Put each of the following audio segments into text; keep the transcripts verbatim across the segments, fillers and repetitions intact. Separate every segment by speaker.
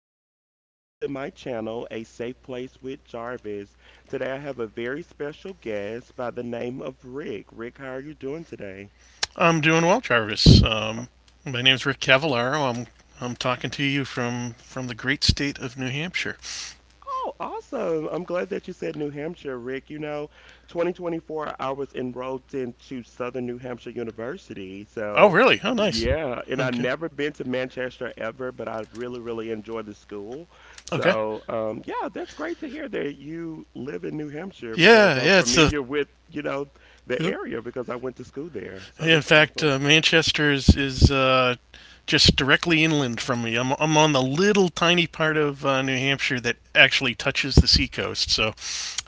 Speaker 1: and welcome to my channel, A Safe Place with Jarvis. Today, I have a very special guest by the name of Rick. Rick, how are you doing today?
Speaker 2: I'm doing well, Travis. Um, my name's Rick Cavallaro. I'm I'm talking to you from from the great state of New Hampshire.
Speaker 1: Oh, awesome. I'm glad that you said New Hampshire, Rick. You know, twenty twenty-four, I was enrolled into Southern New Hampshire University.
Speaker 2: Oh,
Speaker 1: So,
Speaker 2: really? Oh, nice.
Speaker 1: yeah, and I've
Speaker 2: Okay.
Speaker 1: never been to Manchester ever, but I really, really enjoy the school.
Speaker 2: Okay.
Speaker 1: So, um, yeah, that's great to hear that you live in New Hampshire because
Speaker 2: Yeah,
Speaker 1: I'm
Speaker 2: yeah. It's a.
Speaker 1: familiar with, you know, that
Speaker 2: Yep.
Speaker 1: area because I went to school there. So,
Speaker 2: In
Speaker 1: that's
Speaker 2: fact,
Speaker 1: awesome.
Speaker 2: uh, Manchester is is uh, just directly inland from me. I'm I'm on the little tiny part of uh, New Hampshire that actually touches the seacoast, so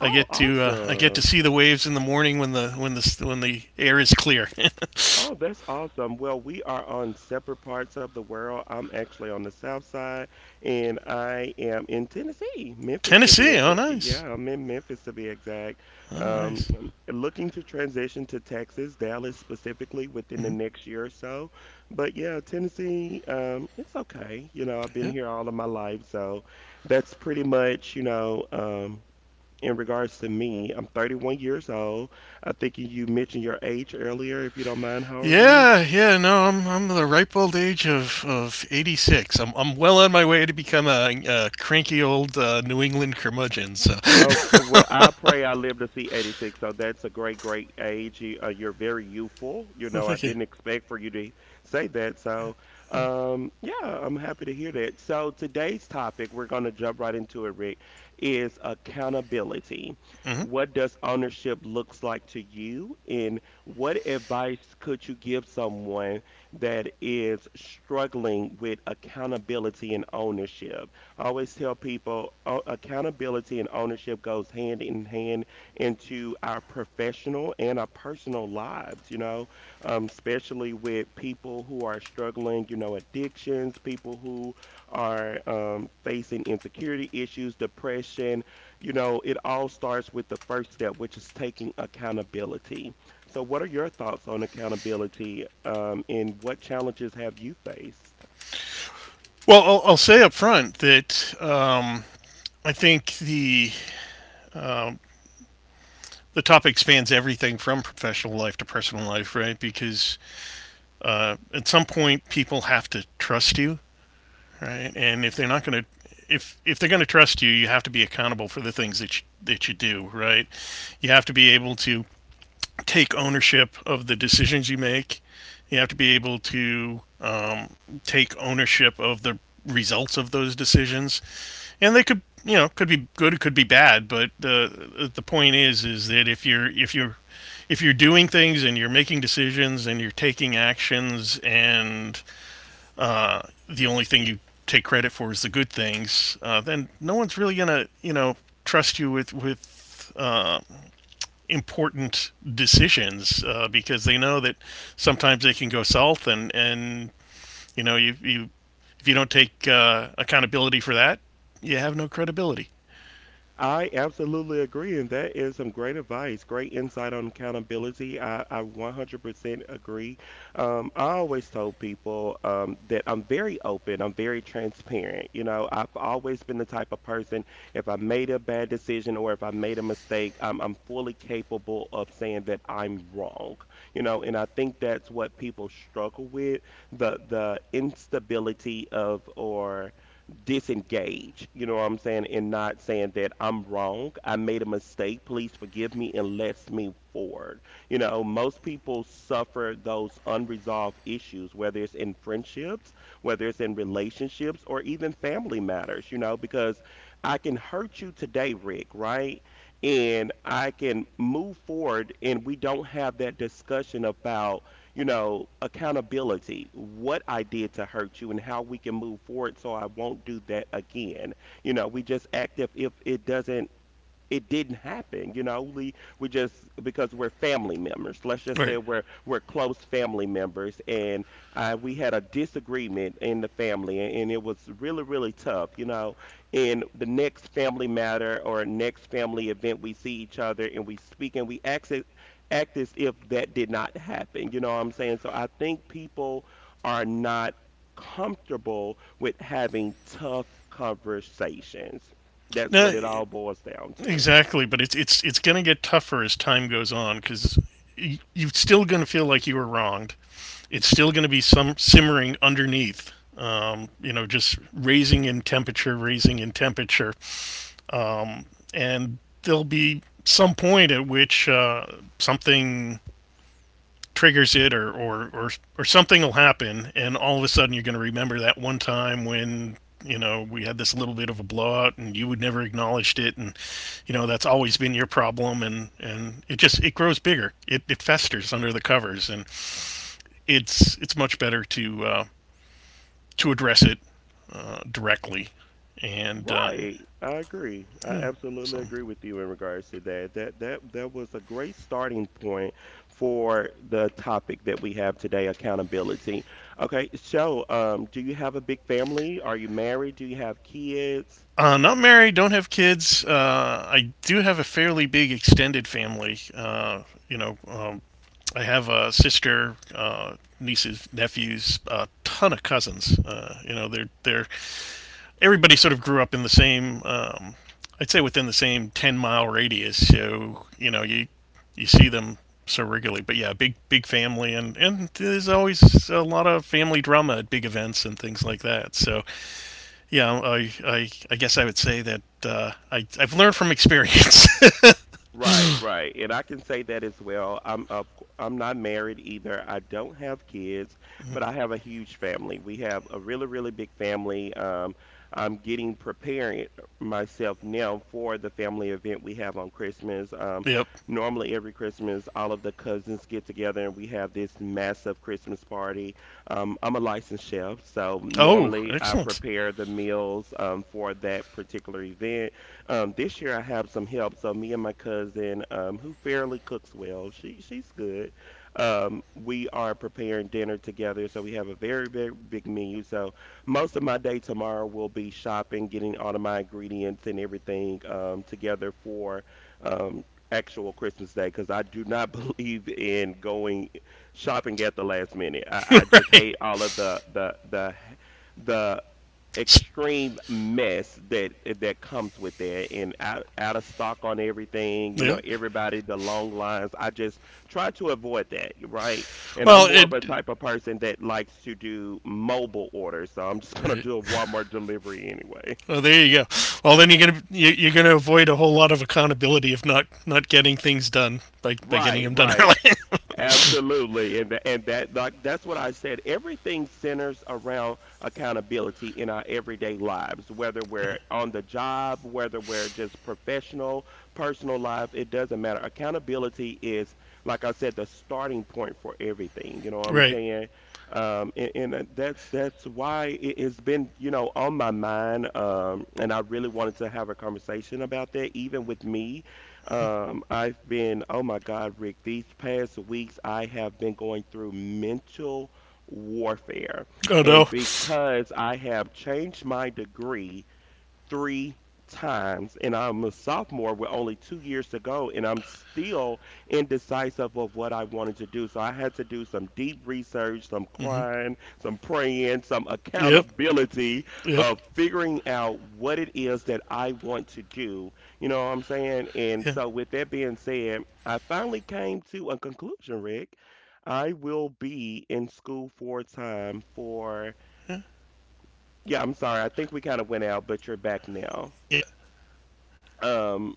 Speaker 2: I get to uh, I get to
Speaker 1: awesome.
Speaker 2: see the waves in the morning when the when the when the air is clear.
Speaker 1: Oh, that's awesome. Well, we are on separate parts of the world. I'm actually on the south side, and I am in Tennessee, Memphis to be
Speaker 2: Tennessee. Oh,
Speaker 1: exact.
Speaker 2: nice.
Speaker 1: Yeah, I'm in Memphis to be exact.
Speaker 2: Oh,
Speaker 1: Um,
Speaker 2: nice.
Speaker 1: I'm looking to transition to Texas, Dallas specifically within the
Speaker 2: Mhm.
Speaker 1: next year or so. But yeah, Tennessee, um, it's okay. You know, I've been
Speaker 2: Yeah.
Speaker 1: here all of my life, so that's pretty much, you know, um, in regards to me. I'm thirty-one years old. I think you mentioned your age earlier. If you don't mind, how old are you?
Speaker 2: Yeah, yeah, no, I'm I'm the ripe old age of, of eighty-six. I'm I'm well on my way to become a, a cranky old uh, New England curmudgeon. So,
Speaker 1: Oh, uh, well, I
Speaker 2: well,
Speaker 1: pray I live to see eighty-six. So that's a great, great age. You, uh, you're very youthful. You know, I
Speaker 2: thank you.
Speaker 1: didn't expect for you to say that. So, um, yeah, I'm happy to hear that. So today's topic, we're going to jump right into it, Rick, is accountability.
Speaker 2: Hmm.
Speaker 1: What does ownership looks like to you, and what advice could you give someone that is struggling with accountability and ownership? I always tell people uh, accountability and ownership goes hand in hand into our professional and our personal lives, you know, um, especially with people who are struggling, you know, addictions, people who are um, facing insecurity issues, depression. You know, it all starts with the first step, which is taking accountability. So, what are your thoughts on accountability um, and what challenges have you faced?
Speaker 2: Well, I'll, I'll say up front that um, I think the um, the topic spans everything from professional life to personal life, right? Because uh, at some point, people have to trust you, right? And if they're not going to, if if they're going to trust you, you have to be accountable for the things that you, that you do, right? You have to be able to take ownership of the decisions you make. You have to be able to um, take ownership of the results of those decisions, and they could, you know, could be good, it could be bad, but the the point is is that if you're if you're if you're doing things and you're making decisions and you're taking actions and uh, the only thing you take credit for is the good things, uh, then no one's really gonna, you know, trust you with with uh, important decisions uh, because they know that sometimes they can go south and and you know you you if you don't take uh, accountability for that, you have no credibility.
Speaker 1: I absolutely agree, and that is some great advice, great insight on accountability. I, I one hundred percent agree. Um, I always told people um, that I'm very open, I'm very transparent. You know, I've always been the type of person, if I made a bad decision or if I made a mistake, I'm, I'm fully capable of saying that I'm wrong. You know, and I think that's what people struggle with, the the instability of or disengage, you know what I'm saying, and not saying that I'm wrong. I made a mistake. Please forgive me and let's move forward. You know, most people suffer those unresolved issues, whether it's in friendships, whether it's in relationships, or even family matters, you know, because I can hurt you today, Rick, right? And I can move forward and we don't have that discussion about, you know, accountability, what I did to hurt you and how we can move forward so I won't do that again. You know, we just act, if if it doesn't it didn't happen, you know. we we just, because we're family members, let's just say
Speaker 2: Right.
Speaker 1: we're we're close family members, and uh, we had a disagreement in the family, and, and it was really, really tough, you know. In the next family matter or next family event, we see each other and we speak and we act, as- act as if that did not happen, you know what I'm saying. So I think people are not comfortable with having tough conversations. That's
Speaker 2: No,
Speaker 1: what it all boils down to.
Speaker 2: exactly. But it's it's it's going to get tougher as time goes on because you're still going to feel like you were wronged. It's still going to be some simmering underneath. Um, you know, just raising in temperature, raising in temperature, um, and there'll be some point at which uh, something triggers it or, or, or, or something will happen and all of a sudden you're going to remember that one time when, you know, we had this little bit of a blowout and you would never acknowledged it, and you know that's always been your problem. And and it just it grows bigger, it, it festers under the covers, and it's it's much better to uh, to address it uh, directly. And uh,
Speaker 1: Right. I agree. I
Speaker 2: yeah,
Speaker 1: absolutely
Speaker 2: so,
Speaker 1: agree with you in regards to that. That that that was a great starting point for the topic that we have today, accountability. Okay, so um, do you have a big family? Are you married? Do you have kids?
Speaker 2: uh, not married, don't have kids. Uh, I do have a fairly big extended family. Uh, you know, um, I have a sister, uh, nieces, nephews, a ton of cousins. Uh, you know, they're they're everybody sort of grew up in the same, um, I'd say within the same ten mile radius. So, you know, you, you see them so regularly. But yeah, big, big family. And, and there's always a lot of family drama at big events and things like that. So yeah, I, I, I guess I would say that, uh, I, I've learned from experience.
Speaker 1: Right, right. And I can say that as well. I'm of c- I'm not married either. I don't have kids, but I have a huge family. We have a really, really big family. Um, I'm getting preparing myself now for the family event we have on Christmas. Um,
Speaker 2: Yep.
Speaker 1: normally every Christmas, all of the cousins get together and we have this massive Christmas party. Um, I'm a licensed chef, so
Speaker 2: Oh,
Speaker 1: normally I
Speaker 2: excellent.
Speaker 1: prepare the meals um, for that particular event. um, this year I have some help. So me and my cousin, um, who fairly cooks well, she she's good. Um, we are preparing dinner together, so we have a very, very big menu. So most of my day tomorrow will be shopping, getting all of my ingredients and everything um, together for um, actual Christmas Day, because I do not believe in going shopping at the last minute. I, I just
Speaker 2: Right.
Speaker 1: hate all of the the the the extreme mess that that comes with that, and out, out of stock on everything, you
Speaker 2: Yeah.
Speaker 1: know, everybody, the long lines. I just try to avoid that, right. And I'm
Speaker 2: Well,
Speaker 1: more of
Speaker 2: it,
Speaker 1: a type of person that likes to do mobile orders, so I'm just going to
Speaker 2: right.
Speaker 1: do a Walmart delivery anyway.
Speaker 2: Well, there you go. Well, then you're gonna you- you're are going to avoid a whole lot of accountability if not not getting things done by by getting
Speaker 1: Right,
Speaker 2: them done
Speaker 1: right.
Speaker 2: early.
Speaker 1: Absolutely, and tha- and that, like, that's what I said. Everything centers around accountability in our everyday lives, whether we're on the job, whether we're just professional, personal life. It doesn't matter. Accountability is, like I said, the starting point for everything. You know what I'm
Speaker 2: Right.
Speaker 1: saying? Um, and, and uh, that's that's why it has been, you know, on my mind. Um, and I really wanted to have a conversation about that, even with me. um, I've been, oh my God, Rick, these past weeks I have been going through mental warfare.
Speaker 2: Oh no.
Speaker 1: And because I have changed my degree three times. And I'm a sophomore with only two years to go, and I'm still indecisive of what I wanted to do. So I had to do some deep research, some
Speaker 2: Hmm.
Speaker 1: crying, some praying, some
Speaker 2: Yep.
Speaker 1: accountability
Speaker 2: Yep.
Speaker 1: of figuring out what it is that I want to do. You know what I'm saying? And
Speaker 2: Yeah.
Speaker 1: so, with that being said, I finally came to a conclusion, Rick. I will
Speaker 2: Oh,
Speaker 1: be
Speaker 2: he's
Speaker 1: in
Speaker 2: still there.
Speaker 1: school for time for,
Speaker 2: Yeah.
Speaker 1: yeah, I'm sorry. I think we kind of went out, but you're back now.
Speaker 2: Yeah.
Speaker 1: Um,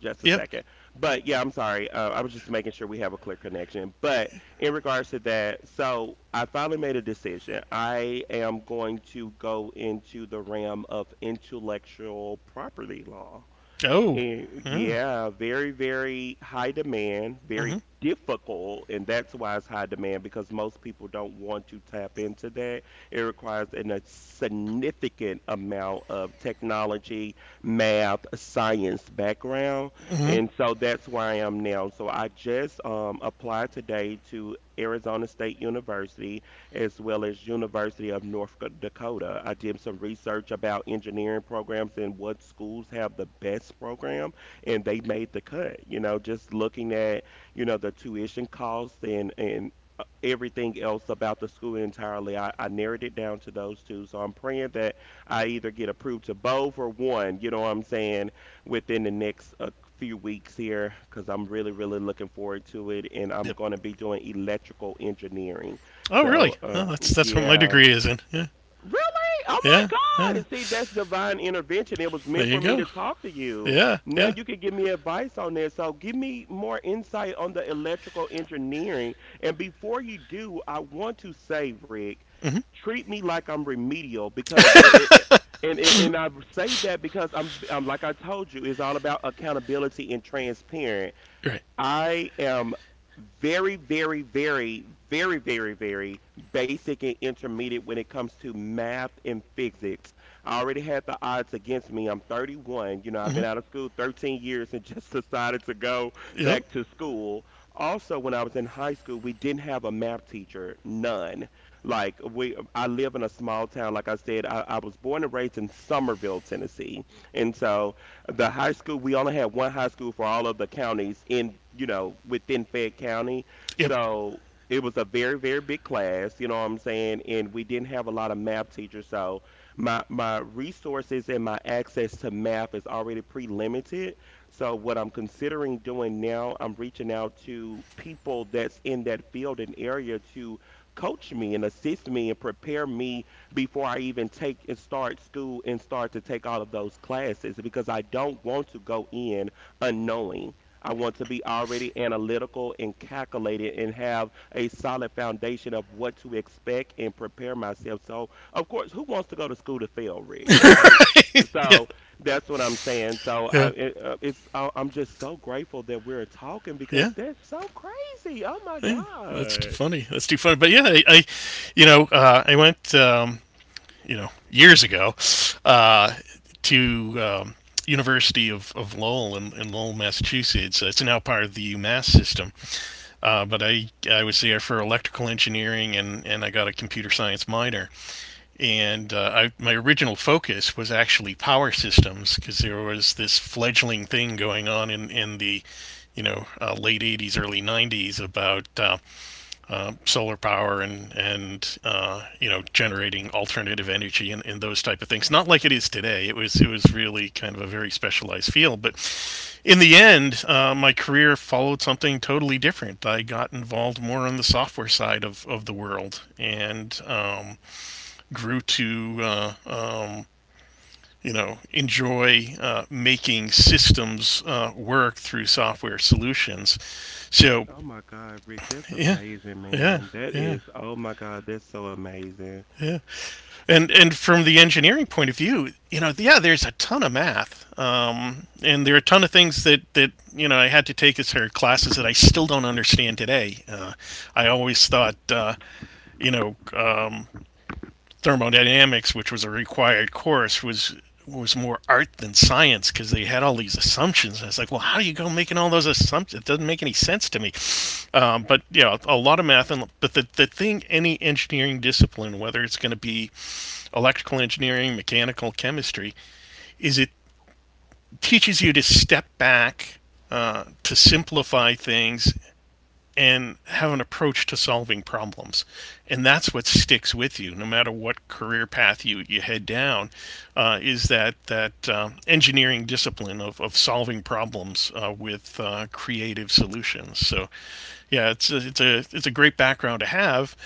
Speaker 1: just a
Speaker 2: Yep.
Speaker 1: second. But yeah, I'm sorry. Uh, I was just making sure we have a clear connection. But in regards to that, so I finally made a decision. I am going to go into the realm of intellectual property law.
Speaker 2: Oh.
Speaker 1: Eh,
Speaker 2: Yeah.
Speaker 1: yeah, very, very high demand,
Speaker 2: Mhm.
Speaker 1: very difficult, and that's why it's high demand, because most people don't want to tap into that. It requires an, a significant amount of technology, math, science background,
Speaker 2: Mhm.
Speaker 1: and so that's where I am now. So I just um, applied today to Arizona State University as well as University of North Dakota. I did some research about engineering programs and what schools have the best program, and they made the cut. You know, just looking at, you know, the tuition costs, and and uh, everything else about the school entirely. I, I narrowed it down to those two, so I'm praying that I either get approved to both or one, you know what I'm saying, within the next uh, few weeks here, because I'm really, really looking forward to it, and I'm
Speaker 2: Yep.
Speaker 1: going to be doing electrical engineering.
Speaker 2: Oh, really?
Speaker 1: So,
Speaker 2: Oh,
Speaker 1: um,
Speaker 2: that's that's what my
Speaker 1: yeah.
Speaker 2: degree is in. Yeah.
Speaker 1: Really? Oh my
Speaker 2: Yeah,
Speaker 1: God.
Speaker 2: yeah.
Speaker 1: And see, that's divine intervention. It was
Speaker 2: There
Speaker 1: meant
Speaker 2: you
Speaker 1: for me
Speaker 2: go.
Speaker 1: to talk to you.
Speaker 2: Yeah.
Speaker 1: Now
Speaker 2: Yeah.
Speaker 1: you can give me advice on this. So, give me more insight on the electrical engineering. And before you do, I want to say, Rick,
Speaker 2: Mhm.
Speaker 1: treat me like I'm remedial because. It, and, and and I say that because I'm I'm like I told you, it's all about accountability and transparent.
Speaker 2: Right.
Speaker 1: I am very, very, very, very, very, very basic and intermediate when it comes to math and physics. I already had the odds against me. I'm thirty-one. You know, I've
Speaker 2: Mhm.
Speaker 1: been out of school thirteen years, and just decided to go
Speaker 2: Yep.
Speaker 1: back to school. Also, when I was in high school, we didn't have a math teacher, none. Like we, I live in a small town. Like I said, I, I was born and raised in Somerville, Tennessee, and so the high school, we only had one high school for all of the counties in, you know, within Fayette County.
Speaker 2: Yep.
Speaker 1: So it was a very, very big class, you know what I'm saying, and we didn't have a lot of math teachers. So my my resources and my access to math is already pre-limited. So what I'm considering doing now, I'm reaching out to people that's in that field and area to coach me and assist me and prepare me before I even take and start school and start to take all of those classes, because I don't want to go in unknowing. I want to be already analytical and calculated and have a solid foundation of what to expect and prepare myself. So, of course, who wants to go to school to fail, Rick, right?
Speaker 2: Yeah.
Speaker 1: So that's what I'm saying. So I,
Speaker 2: Yeah.
Speaker 1: it, uh, it's I, I'm just so grateful that we're talking
Speaker 2: Yeah.
Speaker 1: because that's so crazy. Oh my
Speaker 2: Yeah, that's too
Speaker 1: god.
Speaker 2: funny. That's too funny. But yeah, I, I you know, uh, I went, um, you know, years ago uh, to um, University of, of Lowell in, in Lowell, Massachusetts. It's now part of the UMass system. Uh, but I, I was there for electrical engineering, and, and I got a computer science minor. And uh, I, my original focus was actually power systems because there was this fledgling thing going on in, in the, you know, uh, late eighties, early nineties about um, uh, solar power and and uh, you know generating alternative energy and, and those type of things. Not like it is today. It was it was really kind of a very specialized field. But in the end, uh, my career followed something totally different. I got involved more on the software side of, of the world, and um, grew to uh, um, you know, enjoy uh, making systems uh, work through software solutions. So,
Speaker 1: Oh my God, Rick, that's
Speaker 2: yeah,
Speaker 1: amazing,
Speaker 2: yeah,
Speaker 1: man. That
Speaker 2: yeah,
Speaker 1: is, oh my God, that's so amazing.
Speaker 2: yeah. And and from the engineering point of view, you know, yeah, there's a ton of math, um, and there are a ton of things that that, you know, I had to take as her classes that I still don't understand today. Uh, I always thought, uh, you know, um, thermodynamics, which was a required course, was was more art than science because they had all these assumptions. And I was like, well, how do you go making all those assumptions? It doesn't make any sense to me. Um, but yeah, a lot of math, and but the the thing, any engineering discipline, whether it's going to be electrical engineering, mechanical chemistry, is it teaches you to step back, uh, to simplify things, and have an approach to solving problems. And that's what sticks with you, no matter what career path you, you head down, uh, is that, that um, engineering discipline of, of solving problems uh, with uh, creative solutions. So, yeah, it's a, it's, a, it's a great background to have.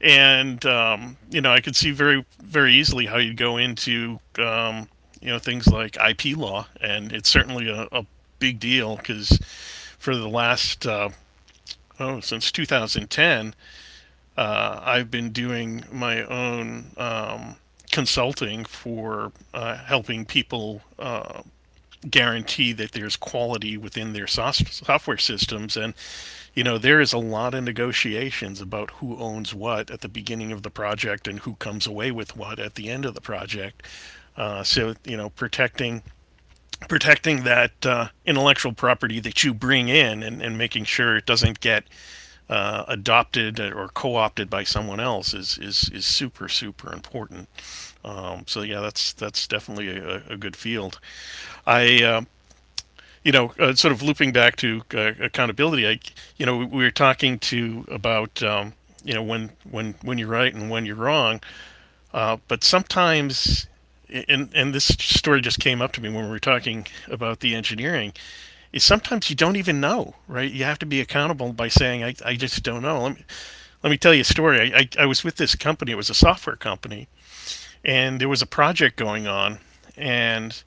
Speaker 2: And, um, you know, I could see very, very easily how you'd go into, um, you know, things like I P law. And it's certainly a, a big deal because for the last uh, oh, since twenty ten, uh, I've been doing my own um, consulting for uh, helping people uh, guarantee that there's quality within their software systems. And, you know, there is a lot of negotiations about who owns what at the beginning of the project and who comes away with what at the end of the project. Uh, so you know, protecting protecting that uh, intellectual property that you bring in, and, and making sure it doesn't get uh, adopted or co-opted by someone else is is, is super super important. Um, so yeah, that's that's definitely a, a good field. I uh, You know, uh, sort of looping back to uh, accountability. I You know, we, we were talking to about um, you know, when when when you're right and when you're wrong, uh, but sometimes, and and this story just came up to me when we were talking about the engineering, is sometimes you don't even know, right? You have to be accountable by saying, i, I just don't know. Let me let me tell you a story. I, I, I was with this company, it was a software company, and there was a project going on. And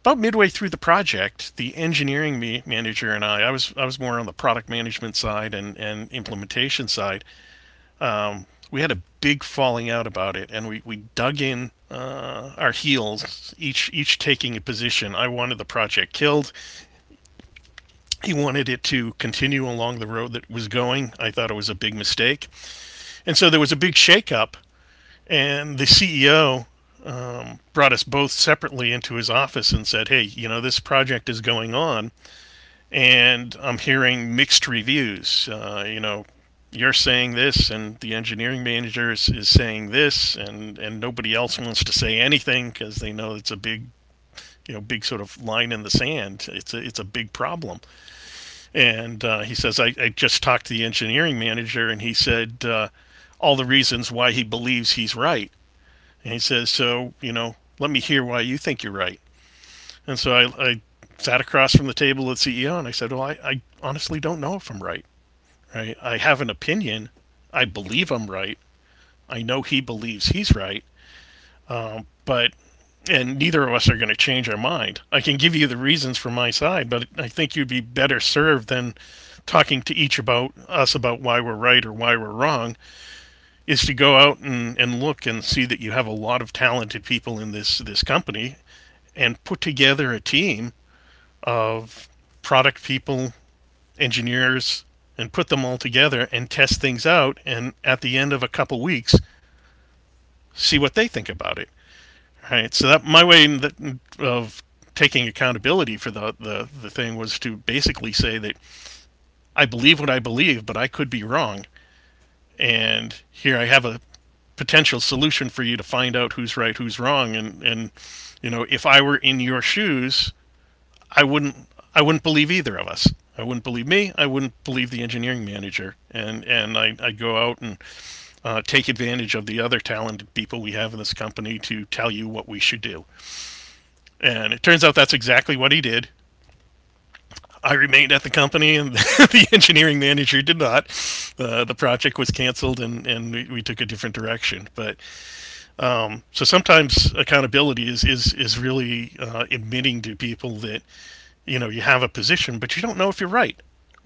Speaker 2: about midway through the project, the engineering me, manager and I, I was, I was more on the product management side and, and implementation side, um, we had a big falling out about it, and we, we dug in uh, our heels, each each taking a position. I wanted the project killed. He wanted it to continue along the road that it was going. I thought it was a big mistake, and so there was a big shakeup. And the C E O um, brought us both separately into his office and said, "Hey, you know, this project is going on, and I'm hearing mixed reviews. Uh, you know, you're saying this, and the engineering manager is, is saying this, and and nobody else wants to say anything because they know it's a big." You know, big sort of line in the sand. It's a it's a big problem. And uh, he says, I, I just talked to the engineering manager, and he said uh, all the reasons why he believes he's right, and he says, so, you know, let me hear why you think you're right. And so I, I sat across from the table at C E O and I said, well, I, I honestly don't know if I'm right. Right. I have an opinion. I believe I'm right. I know he believes he's right, but and neither of us are going to change our mind. I can give you the reasons from my side, but I think you'd be better served than talking to each about us about why we're right or why we're wrong is to go out and, and look and see that you have a lot of talented people in this this company and put together a team of product people, engineers, and put them all together and test things out. And at the end of a couple weeks, see what they think about it. Right. So that my way the- of taking accountability for the, the the thing was to basically say that I believe what I believe, but I could be wrong. And here I have a potential solution for you to find out who's right, who's wrong, and and you know if I were in your shoes, I wouldn't I wouldn't believe either of us. I wouldn't believe me. I wouldn't believe the engineering manager. And and I, I go out and uh, take advantage of the other talented people we have in this company to tell you what we should do. And it turns out that's exactly what he did. I remained at the company, and the engineering manager did not. Uh, the project was canceled, and, and we, we took a different direction. But um, so sometimes accountability is is is really uh, admitting to people that you know you have a position, but you don't know if you're right.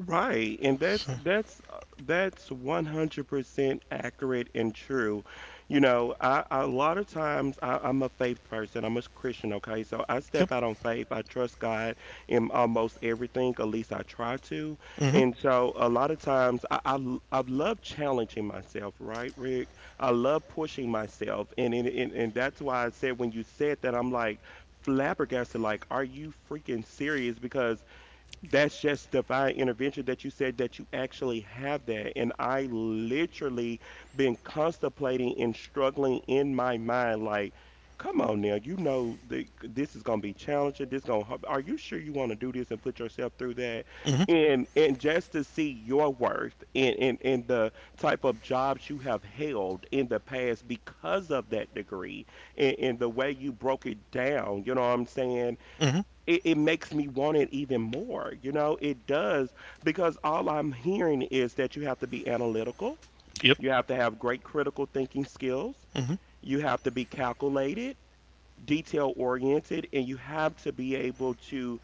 Speaker 1: Right, and that's
Speaker 2: So
Speaker 1: that's uh, that's one hundred percent accurate and true. You know, I, I a lot of times I, I'm a faith person. I'm a Christian, okay? So I
Speaker 2: Yep.
Speaker 1: step out on faith. I trust God in almost everything, at least I try to.
Speaker 2: Mm-hmm.
Speaker 1: And so a lot of times I I, l- I love challenging myself, right, Rick? I love pushing myself, and and, and and that's why that's just divine intervention that you said that you actually have that. And I literally been contemplating and struggling in my mind, like, come on now, you know the, this is gonna be challenging. This gonna hard- are you sure you want to do this and put yourself through that?
Speaker 2: Mm-hmm.
Speaker 1: And and just to see your worth and, and and the type of jobs you have held in the past because of that degree and, and the way you broke it down, you know what I'm saying?
Speaker 2: Mm-hmm.
Speaker 1: it, it makes me want it even more. You know, it does, because all I'm hearing is that you have to be analytical,
Speaker 2: Yep.
Speaker 1: you have to have great critical thinking skills,
Speaker 2: Mm-hmm.
Speaker 1: you have to be calculated, detail oriented, and you have to be able to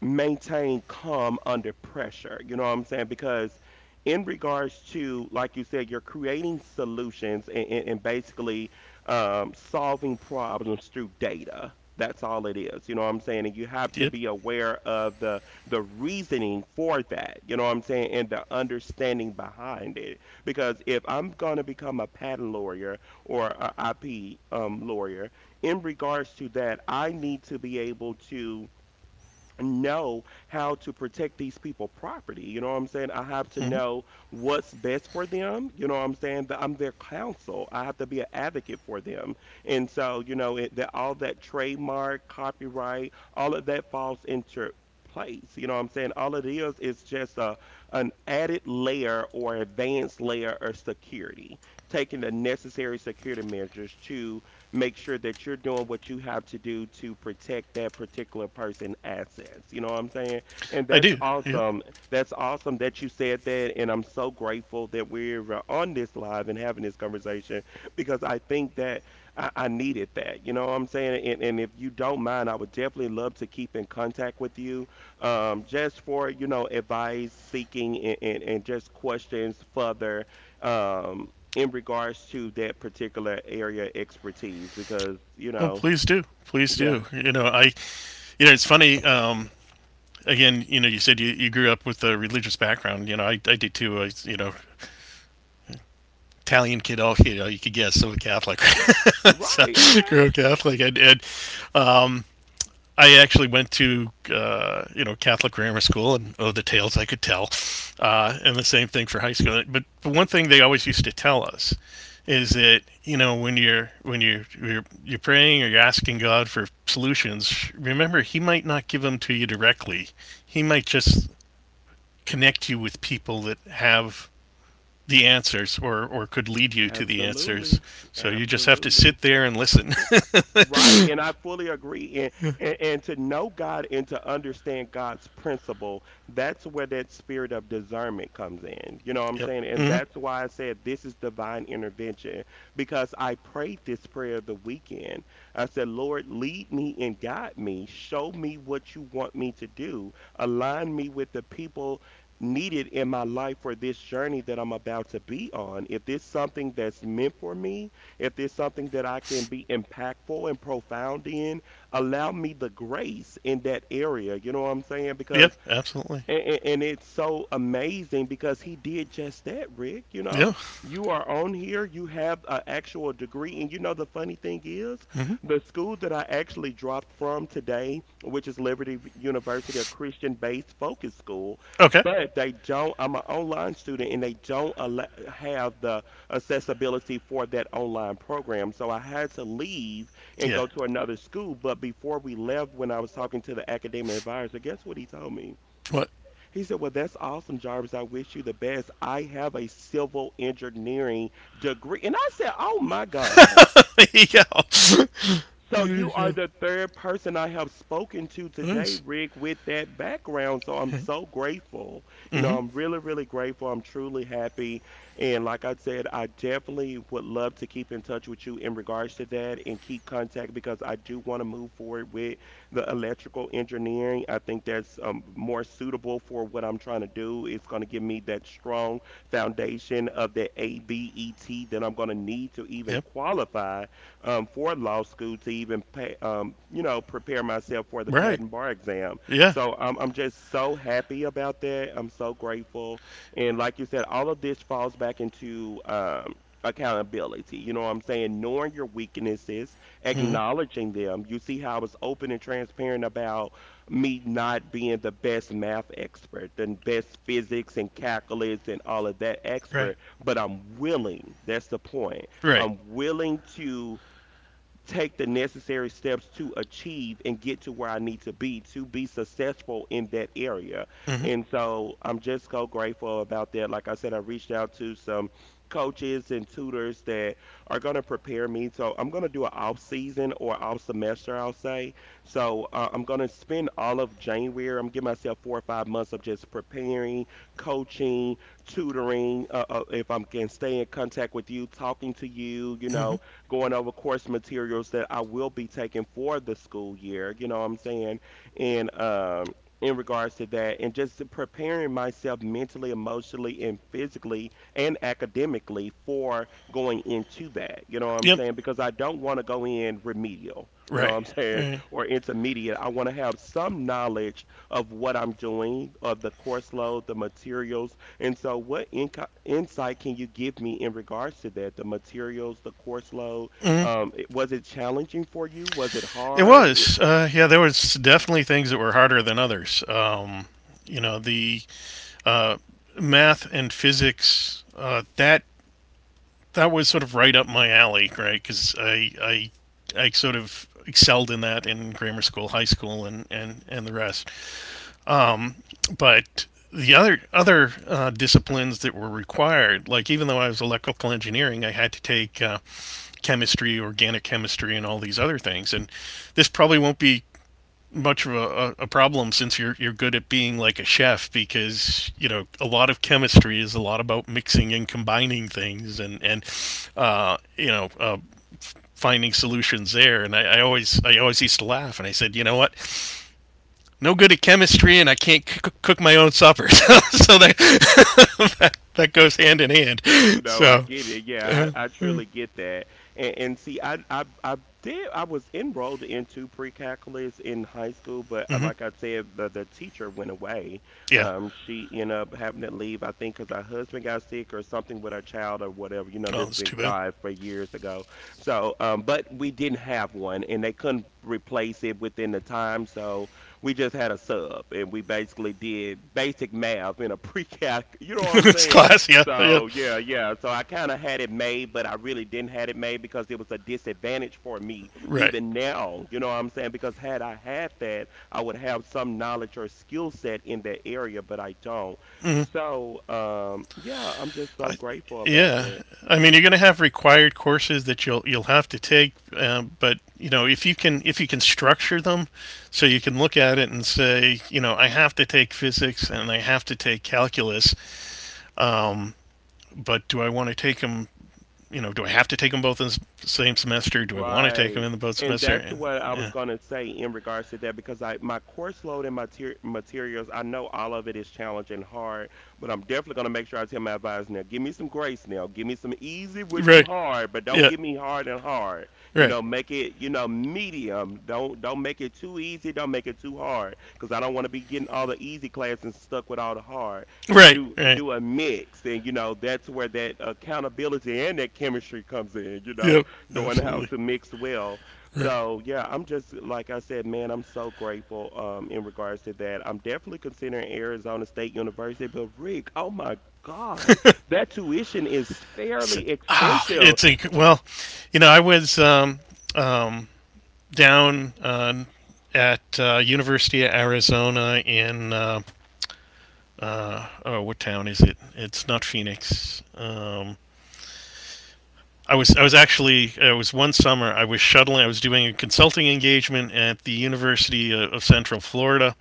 Speaker 1: maintain calm under pressure. You know what I'm saying? Because in regards to, like you said, you're creating solutions and, and, and basically um, solving problems through data. That's all it is. You know what I'm saying? And you have to
Speaker 2: Yep.
Speaker 1: be aware of the the reasoning for that. You know what I'm saying? And the understanding behind it. Because if I'm gonna become a patent lawyer or a I P um, lawyer, in regards to that, I need to be able to know how to protect these people property. You know what I'm saying? I have to
Speaker 2: Mm-hmm.
Speaker 1: know what's best for them. You know what I'm saying? That I'm their counsel, I have to be an advocate for them. And so, you know, it, that all that trademark copyright all of that falls into place. You know what I'm saying? All it is is just a an added layer or advanced layer of security, taking the necessary security measures to make sure that you're doing what you have to do to protect that particular person assets. You know what I'm saying? And
Speaker 2: I
Speaker 1: that's
Speaker 2: do. Yep.
Speaker 1: awesome. That's awesome that you said that, and I'm so grateful that we're uh, on this live and having this conversation, because I think that i, I needed that. You know what I'm saying? and, and if you don't mind, I would definitely love to keep in contact with you, um, just for, you know, advice seeking and, and, and just questions further, um, in regards to that particular area expertise, because you
Speaker 2: Oh,
Speaker 1: know.
Speaker 2: please do. Please
Speaker 1: Yeah.
Speaker 2: do. You know,
Speaker 1: I-
Speaker 2: I. You know, it's funny. Um, again, you know, you said you, you grew up with a religious background. You know, I, I did too. I, you know, Italian kid, all you know, you could guess, so a Catholic. So,
Speaker 1: Right, okay.
Speaker 2: grew up Catholic, and, and um, I actually went to uh, you know Catholic grammar school, and oh, the tales I could tell, uh, and the same thing for high school. But, but one thing they always used to tell us is that you know when you're when you're you're, you're praying or you're asking God for solutions, remember He might not give them to you directly. He might just connect you with people that have the answers or or could lead you to the answers.
Speaker 1: Absolutely.
Speaker 2: So you just have to
Speaker 1: Absolutely.
Speaker 2: sit there and listen.
Speaker 1: Right, and I fully agree. And, and and to know God and to understand God's principle, that's where that spirit of discernment comes in. You know what I'm
Speaker 2: Yep.
Speaker 1: saying? And
Speaker 2: Hmm.
Speaker 1: that's why I said this is divine intervention, because I prayed this prayer the weekend. I said, Lord, lead me and guide me. Show me what you want me to do. Align me with the people needed in my life for this journey that I'm about to be on. If this something that's meant for me, if there's something that I can be impactful and profound in, allow me the grace in that area. You know what I'm saying?
Speaker 2: Yep.
Speaker 1: Because
Speaker 2: Absolutely.
Speaker 1: and, and, and it's so amazing because he did just that, Rick. You
Speaker 2: Yeah.
Speaker 1: know, you are on here, you have an actual degree. And you know, the funny thing is,
Speaker 2: Hmm.
Speaker 1: the school that I actually dropped from today, which is Liberty V- University, a Christian based focus school,
Speaker 2: Okay.
Speaker 1: but they don't, I'm an online student and they don't allow, have the accessibility for that online program. So I had to leave and
Speaker 2: Yeah.
Speaker 1: go to another school. But before we left, when I was talking to the academic advisor, guess what he told me?
Speaker 2: What?
Speaker 1: He said, well, that's awesome, Jarvis. I wish you the best. I have a civil engineering degree. And I said, oh my God.
Speaker 2: There you go.
Speaker 1: So
Speaker 2: There you
Speaker 1: you are
Speaker 2: go.
Speaker 1: the third person I have spoken to today,
Speaker 2: Nice.
Speaker 1: Rick, with that background. So I'm so grateful. You know,
Speaker 2: Mm-hmm.
Speaker 1: I'm really, really grateful. I'm truly happy. And like I said, I definitely would love to keep in touch with you in regards to that and keep contact, because I do want to move forward with the electrical engineering. I think that's um, more suitable for what I'm trying to do. It's going to give me that strong foundation of the ABET that I'm going to need to even
Speaker 2: Yep.
Speaker 1: qualify um, for law school to even pay, um, you know, prepare myself for the
Speaker 2: Right.
Speaker 1: patent bar exam.
Speaker 2: Yeah.
Speaker 1: So um, I'm just so happy about that. I'm so grateful, and like you said, all of this falls back into um, accountability. You know what I'm saying? Knowing your weaknesses,
Speaker 2: Mm-hmm.
Speaker 1: acknowledging them. You see how I was open and transparent about me not being the best math expert, the best physics and calculus and all of that
Speaker 2: Right.
Speaker 1: expert, but I'm willing. That's the point.
Speaker 2: Right.
Speaker 1: I'm willing to take the necessary steps to achieve and get to where I need to be to be successful in that area.
Speaker 2: Mm-hmm.
Speaker 1: And so I'm just so grateful about that. Like I said, I reached out to some coaches and tutors that are going to prepare me. So I'm going to do an off season or off semester, I'll say. So uh, I'm going to spend all of January. I'm giving myself four or five months of just preparing, coaching, tutoring. Uh, uh, if I can stay in contact with you, talking to you, you
Speaker 2: Mm-hmm.
Speaker 1: know, going over course materials that I will be taking for the school year, you know what I'm saying? And um in regards to that and just preparing myself mentally, emotionally and physically and academically for going into that. You know what I'm
Speaker 2: Yep.
Speaker 1: saying? Because I don't want to go in remedial, you know what
Speaker 2: Right.
Speaker 1: I'm saying,
Speaker 2: Right.
Speaker 1: or intermediate. I want to have some knowledge of what I'm doing, of the course load, the materials. And so, what inco- insight can you give me in regards to that? The materials, the course load.
Speaker 2: Mhm.
Speaker 1: Um, it- was it challenging for you? Was it
Speaker 2: It
Speaker 1: hard?
Speaker 2: was. Uh, yeah, there was definitely things that were harder than others. Um, you know, the uh, math and physics uh, that that was sort of right up my alley, right? Because I, I I sort of excelled in that in grammar school, high school, and and and the rest. Um, but the other other uh, disciplines that were required, like even though I was electrical engineering, I had to take uh, chemistry, organic chemistry, and all these other things. And this probably won't be much of a, a problem since you're you're good at being like a chef because you know a lot of chemistry is a lot about mixing and combining things and and uh, you know uh, finding solutions there. And I, I always I always used to laugh and I said, you know what, no good at chemistry, and I can't c- cook my own supper. So, so that, that that goes hand in hand.
Speaker 1: No, I
Speaker 2: So,
Speaker 1: get it. Yeah,
Speaker 2: uh,
Speaker 1: I, I truly get that. And, and see, I, I I did, I was enrolled into pre-calculus in high school, but uh,
Speaker 2: hmm
Speaker 1: like I said, the, the teacher went away.
Speaker 2: yeah.
Speaker 1: Um, she ended up having to leave, I think, because her husband got sick or something with her child or whatever. You know,
Speaker 2: Oh,
Speaker 1: this
Speaker 2: it's
Speaker 1: been
Speaker 2: too bad.
Speaker 1: God for years ago. So, um, but we didn't have one, and they couldn't replace it within the time, so we just had a sub, and we basically did basic math in a pre-calc. You know what I'm
Speaker 2: This
Speaker 1: saying?
Speaker 2: class. Yeah, yeah.
Speaker 1: So yeah, yeah. So I kind of had it made, but I really didn't had it made because it was a disadvantage for me
Speaker 2: Right.
Speaker 1: even now. You know what I'm saying? Because had I had that, I would have some knowledge or skill set in that area, but I don't.
Speaker 2: Hmm.
Speaker 1: So um, yeah, I'm just so
Speaker 2: I,
Speaker 1: grateful about
Speaker 2: yeah.
Speaker 1: that.
Speaker 2: I mean, you're going to have required courses that you'll you'll have to take, um, but you know, if you can if you can structure them, so you can look at it and say, you know, I have to take physics and I have to take calculus, um, but do I want to take them you know, do I have to take them both in the same semester? Do I want to take them
Speaker 1: Right.
Speaker 2: in the both
Speaker 1: And that's
Speaker 2: semester?
Speaker 1: what I was
Speaker 2: Yeah.
Speaker 1: going to say in regards to that, because I my course load and my ter- materials, I know all of it is challenging hard, but I'm definitely going to make sure I tell my advisor now, give me some grace now. Give me some easy with some
Speaker 2: Right.
Speaker 1: hard, but don't
Speaker 2: Yeah.
Speaker 1: give me hard and hard. You
Speaker 2: Right.
Speaker 1: know, make it, you know, medium. Don't don't make it too easy, don't make it too hard, because I don't want to be getting all the easy classes and stuck with all the hard.
Speaker 2: Right.
Speaker 1: Do
Speaker 2: Right.
Speaker 1: do a mix, and you know that's where that accountability and that chemistry comes in. You know,
Speaker 2: Yep.
Speaker 1: knowing how
Speaker 2: Absolutely.
Speaker 1: to mix well.
Speaker 2: Right.
Speaker 1: So yeah, I'm just like I said, man, I'm so grateful um in regards to that. I'm definitely considering Arizona State University, but Rick, oh my God, that tuition is
Speaker 2: So,
Speaker 1: fairly
Speaker 2: oh,
Speaker 1: expensive.
Speaker 2: it's a well, you know, I was um, um, down uh, at uh, University of Arizona in uh, uh, oh, what town is it? It's not Phoenix. Um, I was I was actually uh, it was one summer I was shuttling I was doing a consulting engagement at the University uh, of Central Florida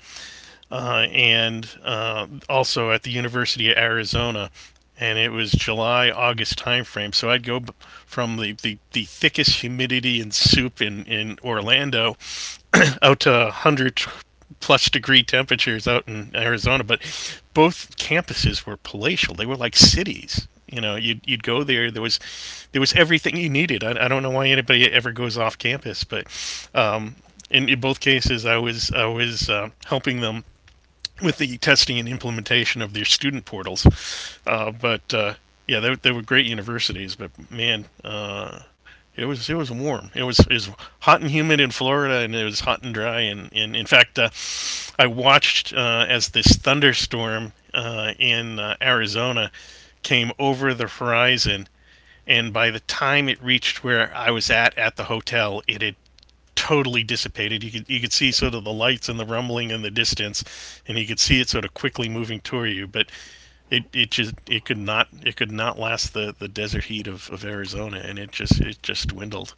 Speaker 2: uh, and uh, also at the University of Arizona. And it was July, August timeframe. So I'd go from the, the, the thickest humidity and soup in, in Orlando out to one hundred plus degree temperatures out in Arizona. But both campuses were palatial, they were like cities. You know, you'd, you'd go there. There was, there was everything you needed. I, I don't know why anybody ever goes off campus, but um, in, in both cases, I was I was uh, helping them with the testing and implementation of their student portals. Uh, but uh, yeah, they, they were great universities. But man, uh, it was it was warm. It was it was hot and humid in Florida, and it was hot and dry. And, and in fact, uh, I watched uh, as this thunderstorm uh, in uh, Arizona came over the horizon. And by the time it reached where I was at at the hotel, it had totally dissipated. You could you could see sort of the lights and the rumbling in the distance, and you could see it sort of quickly moving toward you. But it, it just it could not it could not last the, the desert heat of, of Arizona, and it just it just dwindled.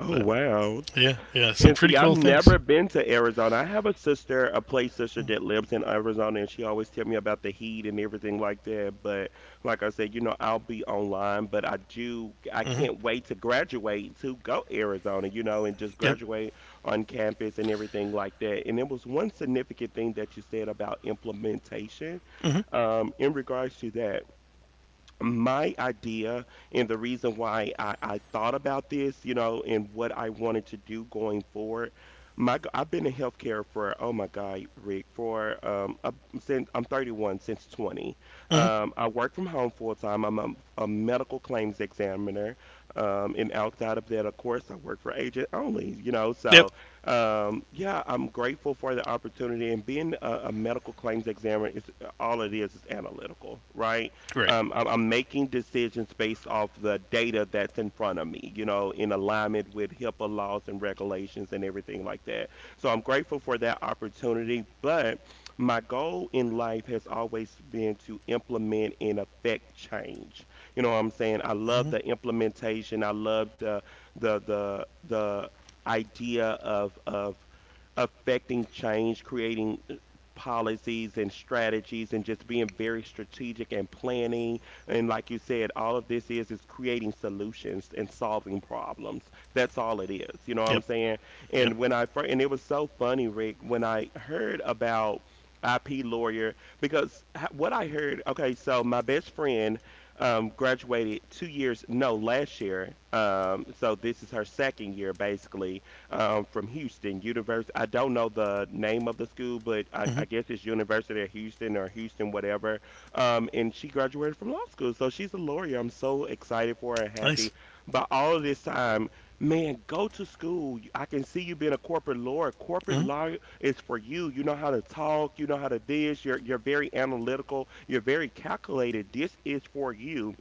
Speaker 1: Oh
Speaker 2: But
Speaker 1: wow.
Speaker 2: yeah, yeah, some
Speaker 1: And
Speaker 2: pretty
Speaker 1: see, I've
Speaker 2: cool things.
Speaker 1: never been to Arizona. I have a sister, a play sister that lives in Arizona, and she always tell me about the heat and everything like that. But like I said, you know, I'll be online, but I do, I
Speaker 2: Hmm.
Speaker 1: can't wait to graduate to go Arizona, you know, and just
Speaker 2: Yep.
Speaker 1: graduate on campus and everything like that. And it was one significant thing that you said about implementation,
Speaker 2: Hmm.
Speaker 1: um, in regards to that my idea and the reason why I, I thought about this, you know, and what I wanted to do going forward. My, g- I've been in healthcare for, oh my God, Rick, for um, uh, since I'm thirty one, since twenty.
Speaker 2: Hmm.
Speaker 1: Um, I work from home full time. I'm a, a medical claims examiner, um, and outside of that, of course, I work for agent only. You know,
Speaker 2: Yep.
Speaker 1: so um, yeah, I'm grateful for the opportunity. And being a, a medical claims examiner is all it is is analytical, right?
Speaker 2: Right.
Speaker 1: um, I'm, I'm making decisions based off the data that's in front of me, you know, in alignment with HIPAA laws and regulations and everything like that. So I'm grateful for that opportunity. But my goal in life has always been to implement and affect change. You know what I'm saying? I love
Speaker 2: Hmm.
Speaker 1: the implementation. I love the the the the idea of of affecting change, creating uh, policies and strategies, and just being very strategic and planning. And like you said, all of this is is creating solutions and solving problems. That's all it is. You know what I'm
Speaker 2: Yep.
Speaker 1: saying?
Speaker 2: Yep.
Speaker 1: And when I fir- and it was so funny, Rick, when I heard about I P lawyer because h- what I heard. Okay, so my best friend um, graduated two years, no, last year. Um, so this is her second year, basically um, from Houston University. I don't know the name of the school, but I,
Speaker 2: Hmm.
Speaker 1: I guess it's University of Houston or Houston whatever. Um, and she graduated from law school, so she's a lawyer. I'm so excited for her and
Speaker 2: Nice.
Speaker 1: happy. But all this time, man, go to school. You- I can see you being a corporate lawyer. Corporate
Speaker 2: Hmm.
Speaker 1: law is for you. You know how to talk. You know how to this. You're you're very analytical. You're very calculated. This is for you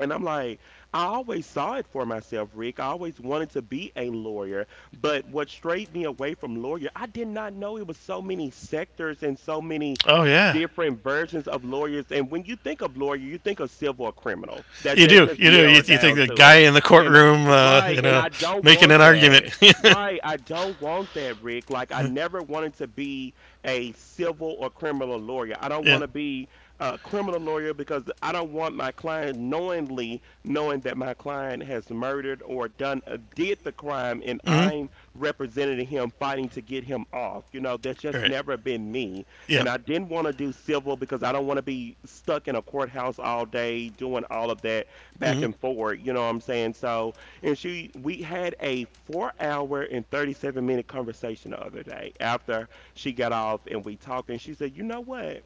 Speaker 1: and I'm like, I always saw it for myself, Rick. I always wanted to be a lawyer. But what strayed me away from lawyer, I did not know it was so many sectors and so many
Speaker 2: Oh yeah,
Speaker 1: different versions of lawyers. And when you think of lawyer, you think of civil or criminal. That
Speaker 2: you
Speaker 1: that
Speaker 2: do.
Speaker 1: just
Speaker 2: You do. You,
Speaker 1: narrowed
Speaker 2: you think
Speaker 1: down
Speaker 2: the
Speaker 1: to
Speaker 2: guy
Speaker 1: it.
Speaker 2: in the
Speaker 1: And
Speaker 2: courtroom, uh,
Speaker 1: right,
Speaker 2: you
Speaker 1: and
Speaker 2: know,
Speaker 1: I don't
Speaker 2: making
Speaker 1: want
Speaker 2: an argument.
Speaker 1: that. Right, I don't want that, Rick. Like I never wanted to be a civil or criminal lawyer. I don't
Speaker 2: Yeah.
Speaker 1: want to be uh, criminal lawyer because I don't want my client knowingly knowing that my client has murdered or done uh, did the crime and
Speaker 2: Hmm.
Speaker 1: I'm representing him fighting to get him off. You know, that's just
Speaker 2: Right.
Speaker 1: never been me.
Speaker 2: Yeah.
Speaker 1: And I didn't want to do civil because I don't want to be stuck in a courthouse all day doing all of that back
Speaker 2: Hmm.
Speaker 1: and forth. You know what I'm saying? So, and she, we had a four hour and thirty seven minute conversation the other day after she got off and we talked and she said, you know what?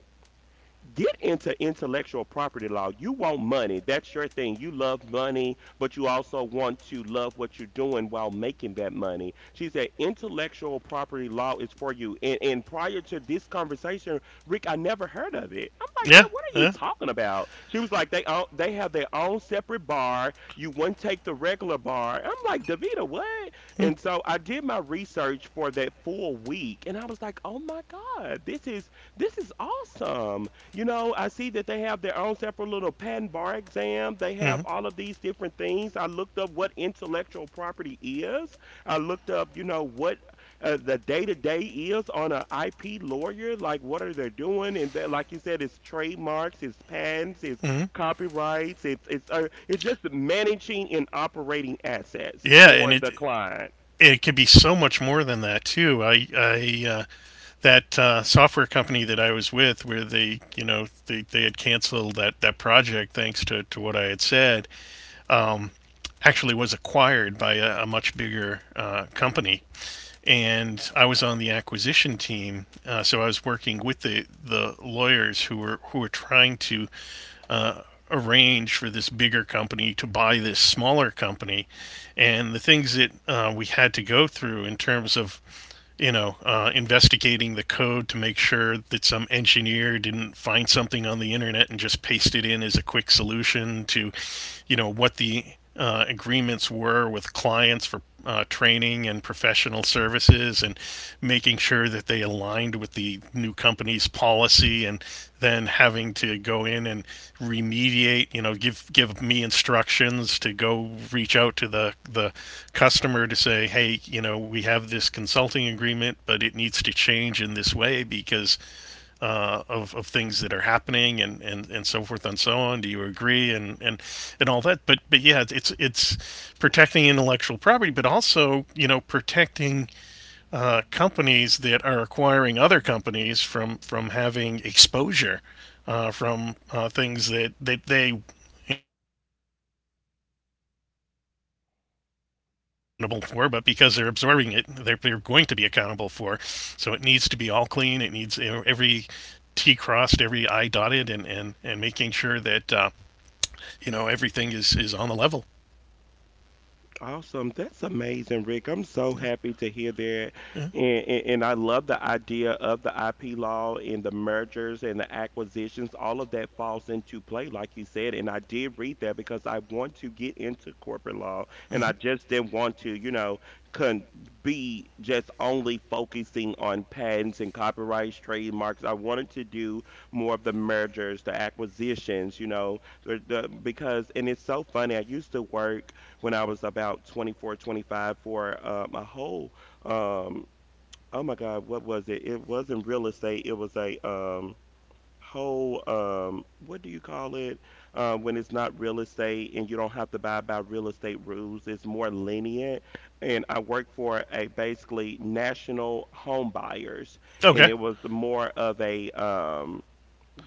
Speaker 1: Get into intellectual property law. You want money. That's your thing. You love money, but you also want to love what you're doing while making that money. She said intellectual property law is for you. And and prior to this conversation, Rick, I never heard of it. I'm like,
Speaker 2: Yeah.
Speaker 1: girl, what are you
Speaker 2: Yeah.
Speaker 1: talking about? She was like, they own, they have their own separate bar. You wouldn't take the regular bar. I'm like, Davita, what? And so I did my research for that full week, and I was like, oh my god, this is this is awesome. You know, I see that they have their own separate little patent bar exam. They
Speaker 2: Mm-hmm.
Speaker 1: have all of these different things. I looked up what intellectual property is. I looked up, you know, what uh, the day to day is on an I P lawyer. Like, what are they doing? And that, like you said, it's trademarks, it's patents, it's
Speaker 2: Hmm.
Speaker 1: copyrights, it's it's uh, it's just managing and operating assets
Speaker 2: Yeah,
Speaker 1: for
Speaker 2: and it
Speaker 1: the client.
Speaker 2: it could be so much more than that too. I I uh, that uh, software company that I was with, where they you know they, they had canceled that that project thanks to to what I had said. Um, actually was acquired by a, a much bigger uh, company. And I was on the acquisition team, uh, so I was working with the, the lawyers who were who were trying to uh, arrange for this bigger company to buy this smaller company and the things that uh, we had to go through in terms of you know uh, investigating the code to make sure that some engineer didn't find something on the internet and just paste it in as a quick solution to you know what the uh, agreements were with clients for uh, training and professional services and making sure that they aligned with the new company's policy and then having to go in and remediate you know give give me instructions to go reach out to the the customer to say hey you know we have this consulting agreement but it needs to change in this way because uh, of, of things that are happening and, and, and so forth and so on. Do you agree and, and, and all that? But but yeah, it's it's protecting intellectual property, but also you know protecting uh, companies that are acquiring other companies from from having exposure uh, from uh, things that, that they you know naturally wouldn't have been accountable for, but because they're absorbing it, they're, they're going to be accountable for. So it needs to be all clean. It needs e-, every T crossed, every I dotted, and and and making sure that uh, you know everything is is on the level.
Speaker 1: Awesome. That's amazing, Rick. I'm so happy to hear that.
Speaker 2: Yeah.
Speaker 1: And, and, and I love the idea of the I P law and the mergers and the acquisitions. All of that falls into play, like you said. And I did read that because I want to get into corporate law and I just didn't want to, you know, con be just only focusing on patents and copyrights, trademarks. I wanted to do more of the mergers, the acquisitions, you know, the, the, because, and it's so funny. I used to work when I was about twenty four, twenty five for uh, my whole, um, oh my God, what was it? It wasn't real estate. It was a um, whole, um, what do you call it? Uh, when it's not real estate and you don't have to abide by real estate rules, it's more lenient. And I worked for a basically national home buyers, and
Speaker 2: Okay.
Speaker 1: it was more of a, um,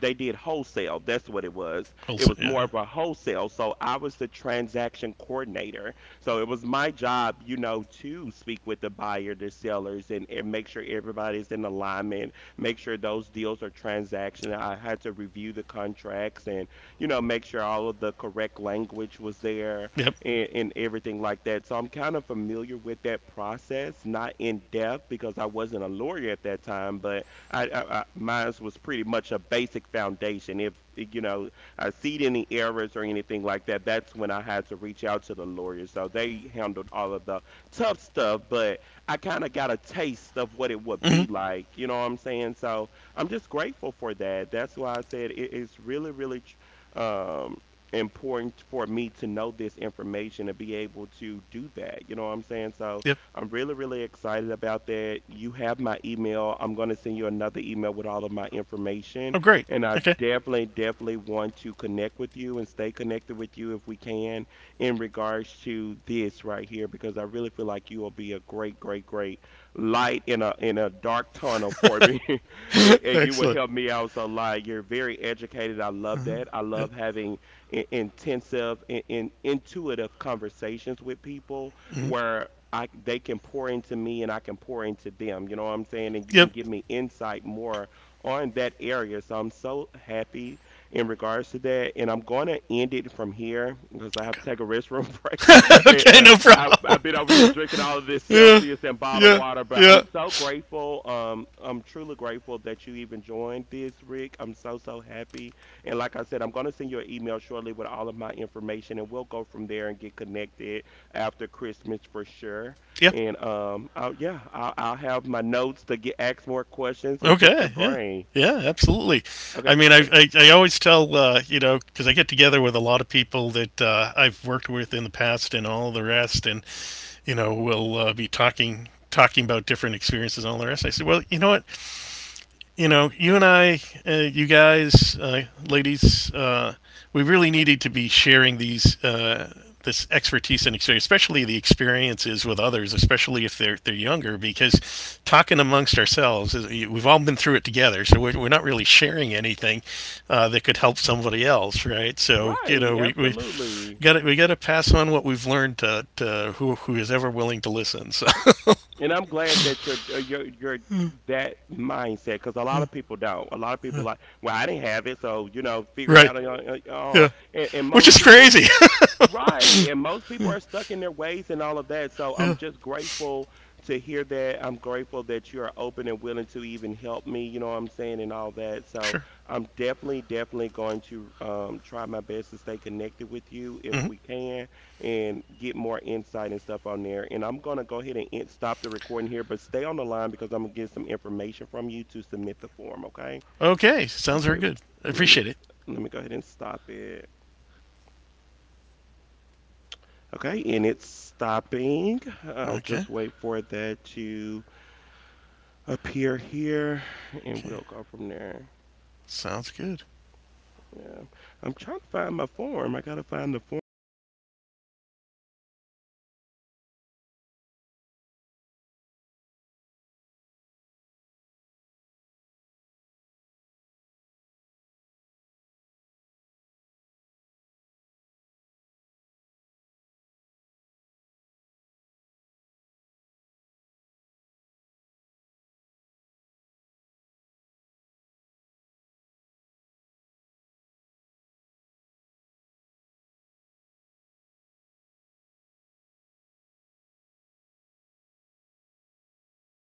Speaker 1: they did wholesale. That's what it was.
Speaker 2: I'll
Speaker 1: It
Speaker 2: s-
Speaker 1: was more
Speaker 2: yeah.
Speaker 1: of a wholesale. So I was the transaction coordinator. So it was my job, you know, to speak with the buyer, the sellers, and, and make sure everybody's in alignment, make sure those deals are transaction. I had to review the contracts and, you know, make sure all of the correct language was there
Speaker 2: Yep.
Speaker 1: and, and everything like that. So I'm kind of familiar with that process, not in depth because I wasn't a lawyer at that time, but I, I, I mine's was pretty much a basic foundation. If you know, I see any errors or anything like that, that's when I had to reach out to the lawyers. So they handled all of the tough stuff, but I kind of got a taste of what it would
Speaker 2: Hmm.
Speaker 1: be like. You know what I'm saying? So I'm just grateful for that. That's why I said it's really, really tr- um, important for me to know this information and be able to do that. You know what I'm saying? So
Speaker 2: Yep.
Speaker 1: I'm really, really excited about that. You have my email. I'm going to send you another email with all of my information.
Speaker 2: Oh, great.
Speaker 1: And I
Speaker 2: Okay.
Speaker 1: definitely, definitely want to connect with you and stay connected with you if we can in regards to this right here, because I really feel like you will be a great, great, great light in a in a dark tunnel for me. and, and you will
Speaker 2: Excellent.
Speaker 1: help me out so lot. You're very educated. I love that. I
Speaker 2: Yeah.
Speaker 1: love having in- intensive and in, intuitive conversations with people
Speaker 2: Hmm.
Speaker 1: where I they can pour into me and I can pour into them. You know what I'm saying? And you can
Speaker 2: Yep.
Speaker 1: give me insight more on that area. So I'm so happy in regards to that. And I'm gonna end it from here because I have to
Speaker 2: Okay.
Speaker 1: take a restroom break. And,
Speaker 2: Okay.
Speaker 1: uh,
Speaker 2: No
Speaker 1: I,
Speaker 2: problem.
Speaker 1: I've been over here drinking all of this
Speaker 2: Yeah.
Speaker 1: Celsius and bottled
Speaker 2: Yeah.
Speaker 1: water, but
Speaker 2: Yeah.
Speaker 1: I'm so grateful. Um, I'm truly grateful that you even joined this, Rick. I'm so so happy. And like I said, I'm gonna send you an email shortly with all of my information, and we'll go from there and get connected after Christmas for sure.
Speaker 2: Yep.
Speaker 1: And um, I'll, yeah, I'll, I'll have my notes to get ask more questions and pick your
Speaker 2: Okay. Yeah.
Speaker 1: brain.
Speaker 2: Yeah, absolutely. I
Speaker 1: Okay.
Speaker 2: mean, I,
Speaker 1: Eh,
Speaker 2: I, I always tell, uh, you know, because I get together with a lot of people that uh, I've worked with in the past and all the rest, and you know, we will uh, be talking talking about different experiences and all the rest. I said, well, you know what? You know, you and I, uh, you guys, uh, ladies, uh, we really needed to be sharing these uh, this expertise and experience, especially the experiences with others, especially if they're they're younger, because talking amongst ourselves, we've all been through it together, so we're, we're not really sharing anything uh, that could help somebody else, right? So you
Speaker 1: right,
Speaker 2: know, we we
Speaker 1: absolutely.
Speaker 2: got we got to pass on what we've learned to, to who who is ever willing to listen. So
Speaker 1: And I'm glad that you're uh, you're you're that mindset because a lot of people don't. A lot of people like, well, I didn't have it, so you know, figure it
Speaker 2: right,
Speaker 1: out on your on
Speaker 2: yeah,
Speaker 1: own." And, and
Speaker 2: which
Speaker 1: most
Speaker 2: is
Speaker 1: people
Speaker 2: crazy.
Speaker 1: right. And most people are stuck in their ways and all of that. So I'm
Speaker 2: Yeah,
Speaker 1: just grateful to hear that. I'm grateful that you're open and willing to even help me, you know what I'm saying, and all that. So
Speaker 2: sure.
Speaker 1: I'm definitely, definitely going to um, try my best to stay connected with you if
Speaker 2: Mm-hmm.
Speaker 1: we can and get more insight and stuff on there. And I'm going to go ahead and end, stop the recording here, but stay on the line because I'm going to get some information from you to submit the form, okay?
Speaker 2: Okay, sounds very
Speaker 1: Okay.
Speaker 2: good. I
Speaker 1: Let me
Speaker 2: appreciate it.
Speaker 1: Let me go ahead and stop it. Okay, and it's stopping. I'll
Speaker 2: Okay,
Speaker 1: just wait for that to appear here and
Speaker 2: okay,
Speaker 1: we'll go from there.
Speaker 2: sounds good.
Speaker 1: Yeah. I'm trying to find my form. I gotta find the form because I gotta submit. Okay, here it goes. Submit
Speaker 2: There
Speaker 1: your
Speaker 2: you go.
Speaker 1: recording form. There we go. Do, do, do, do, do. Okay. Say, okay, let me enter my name here. Go ahead and get all this on here. Host email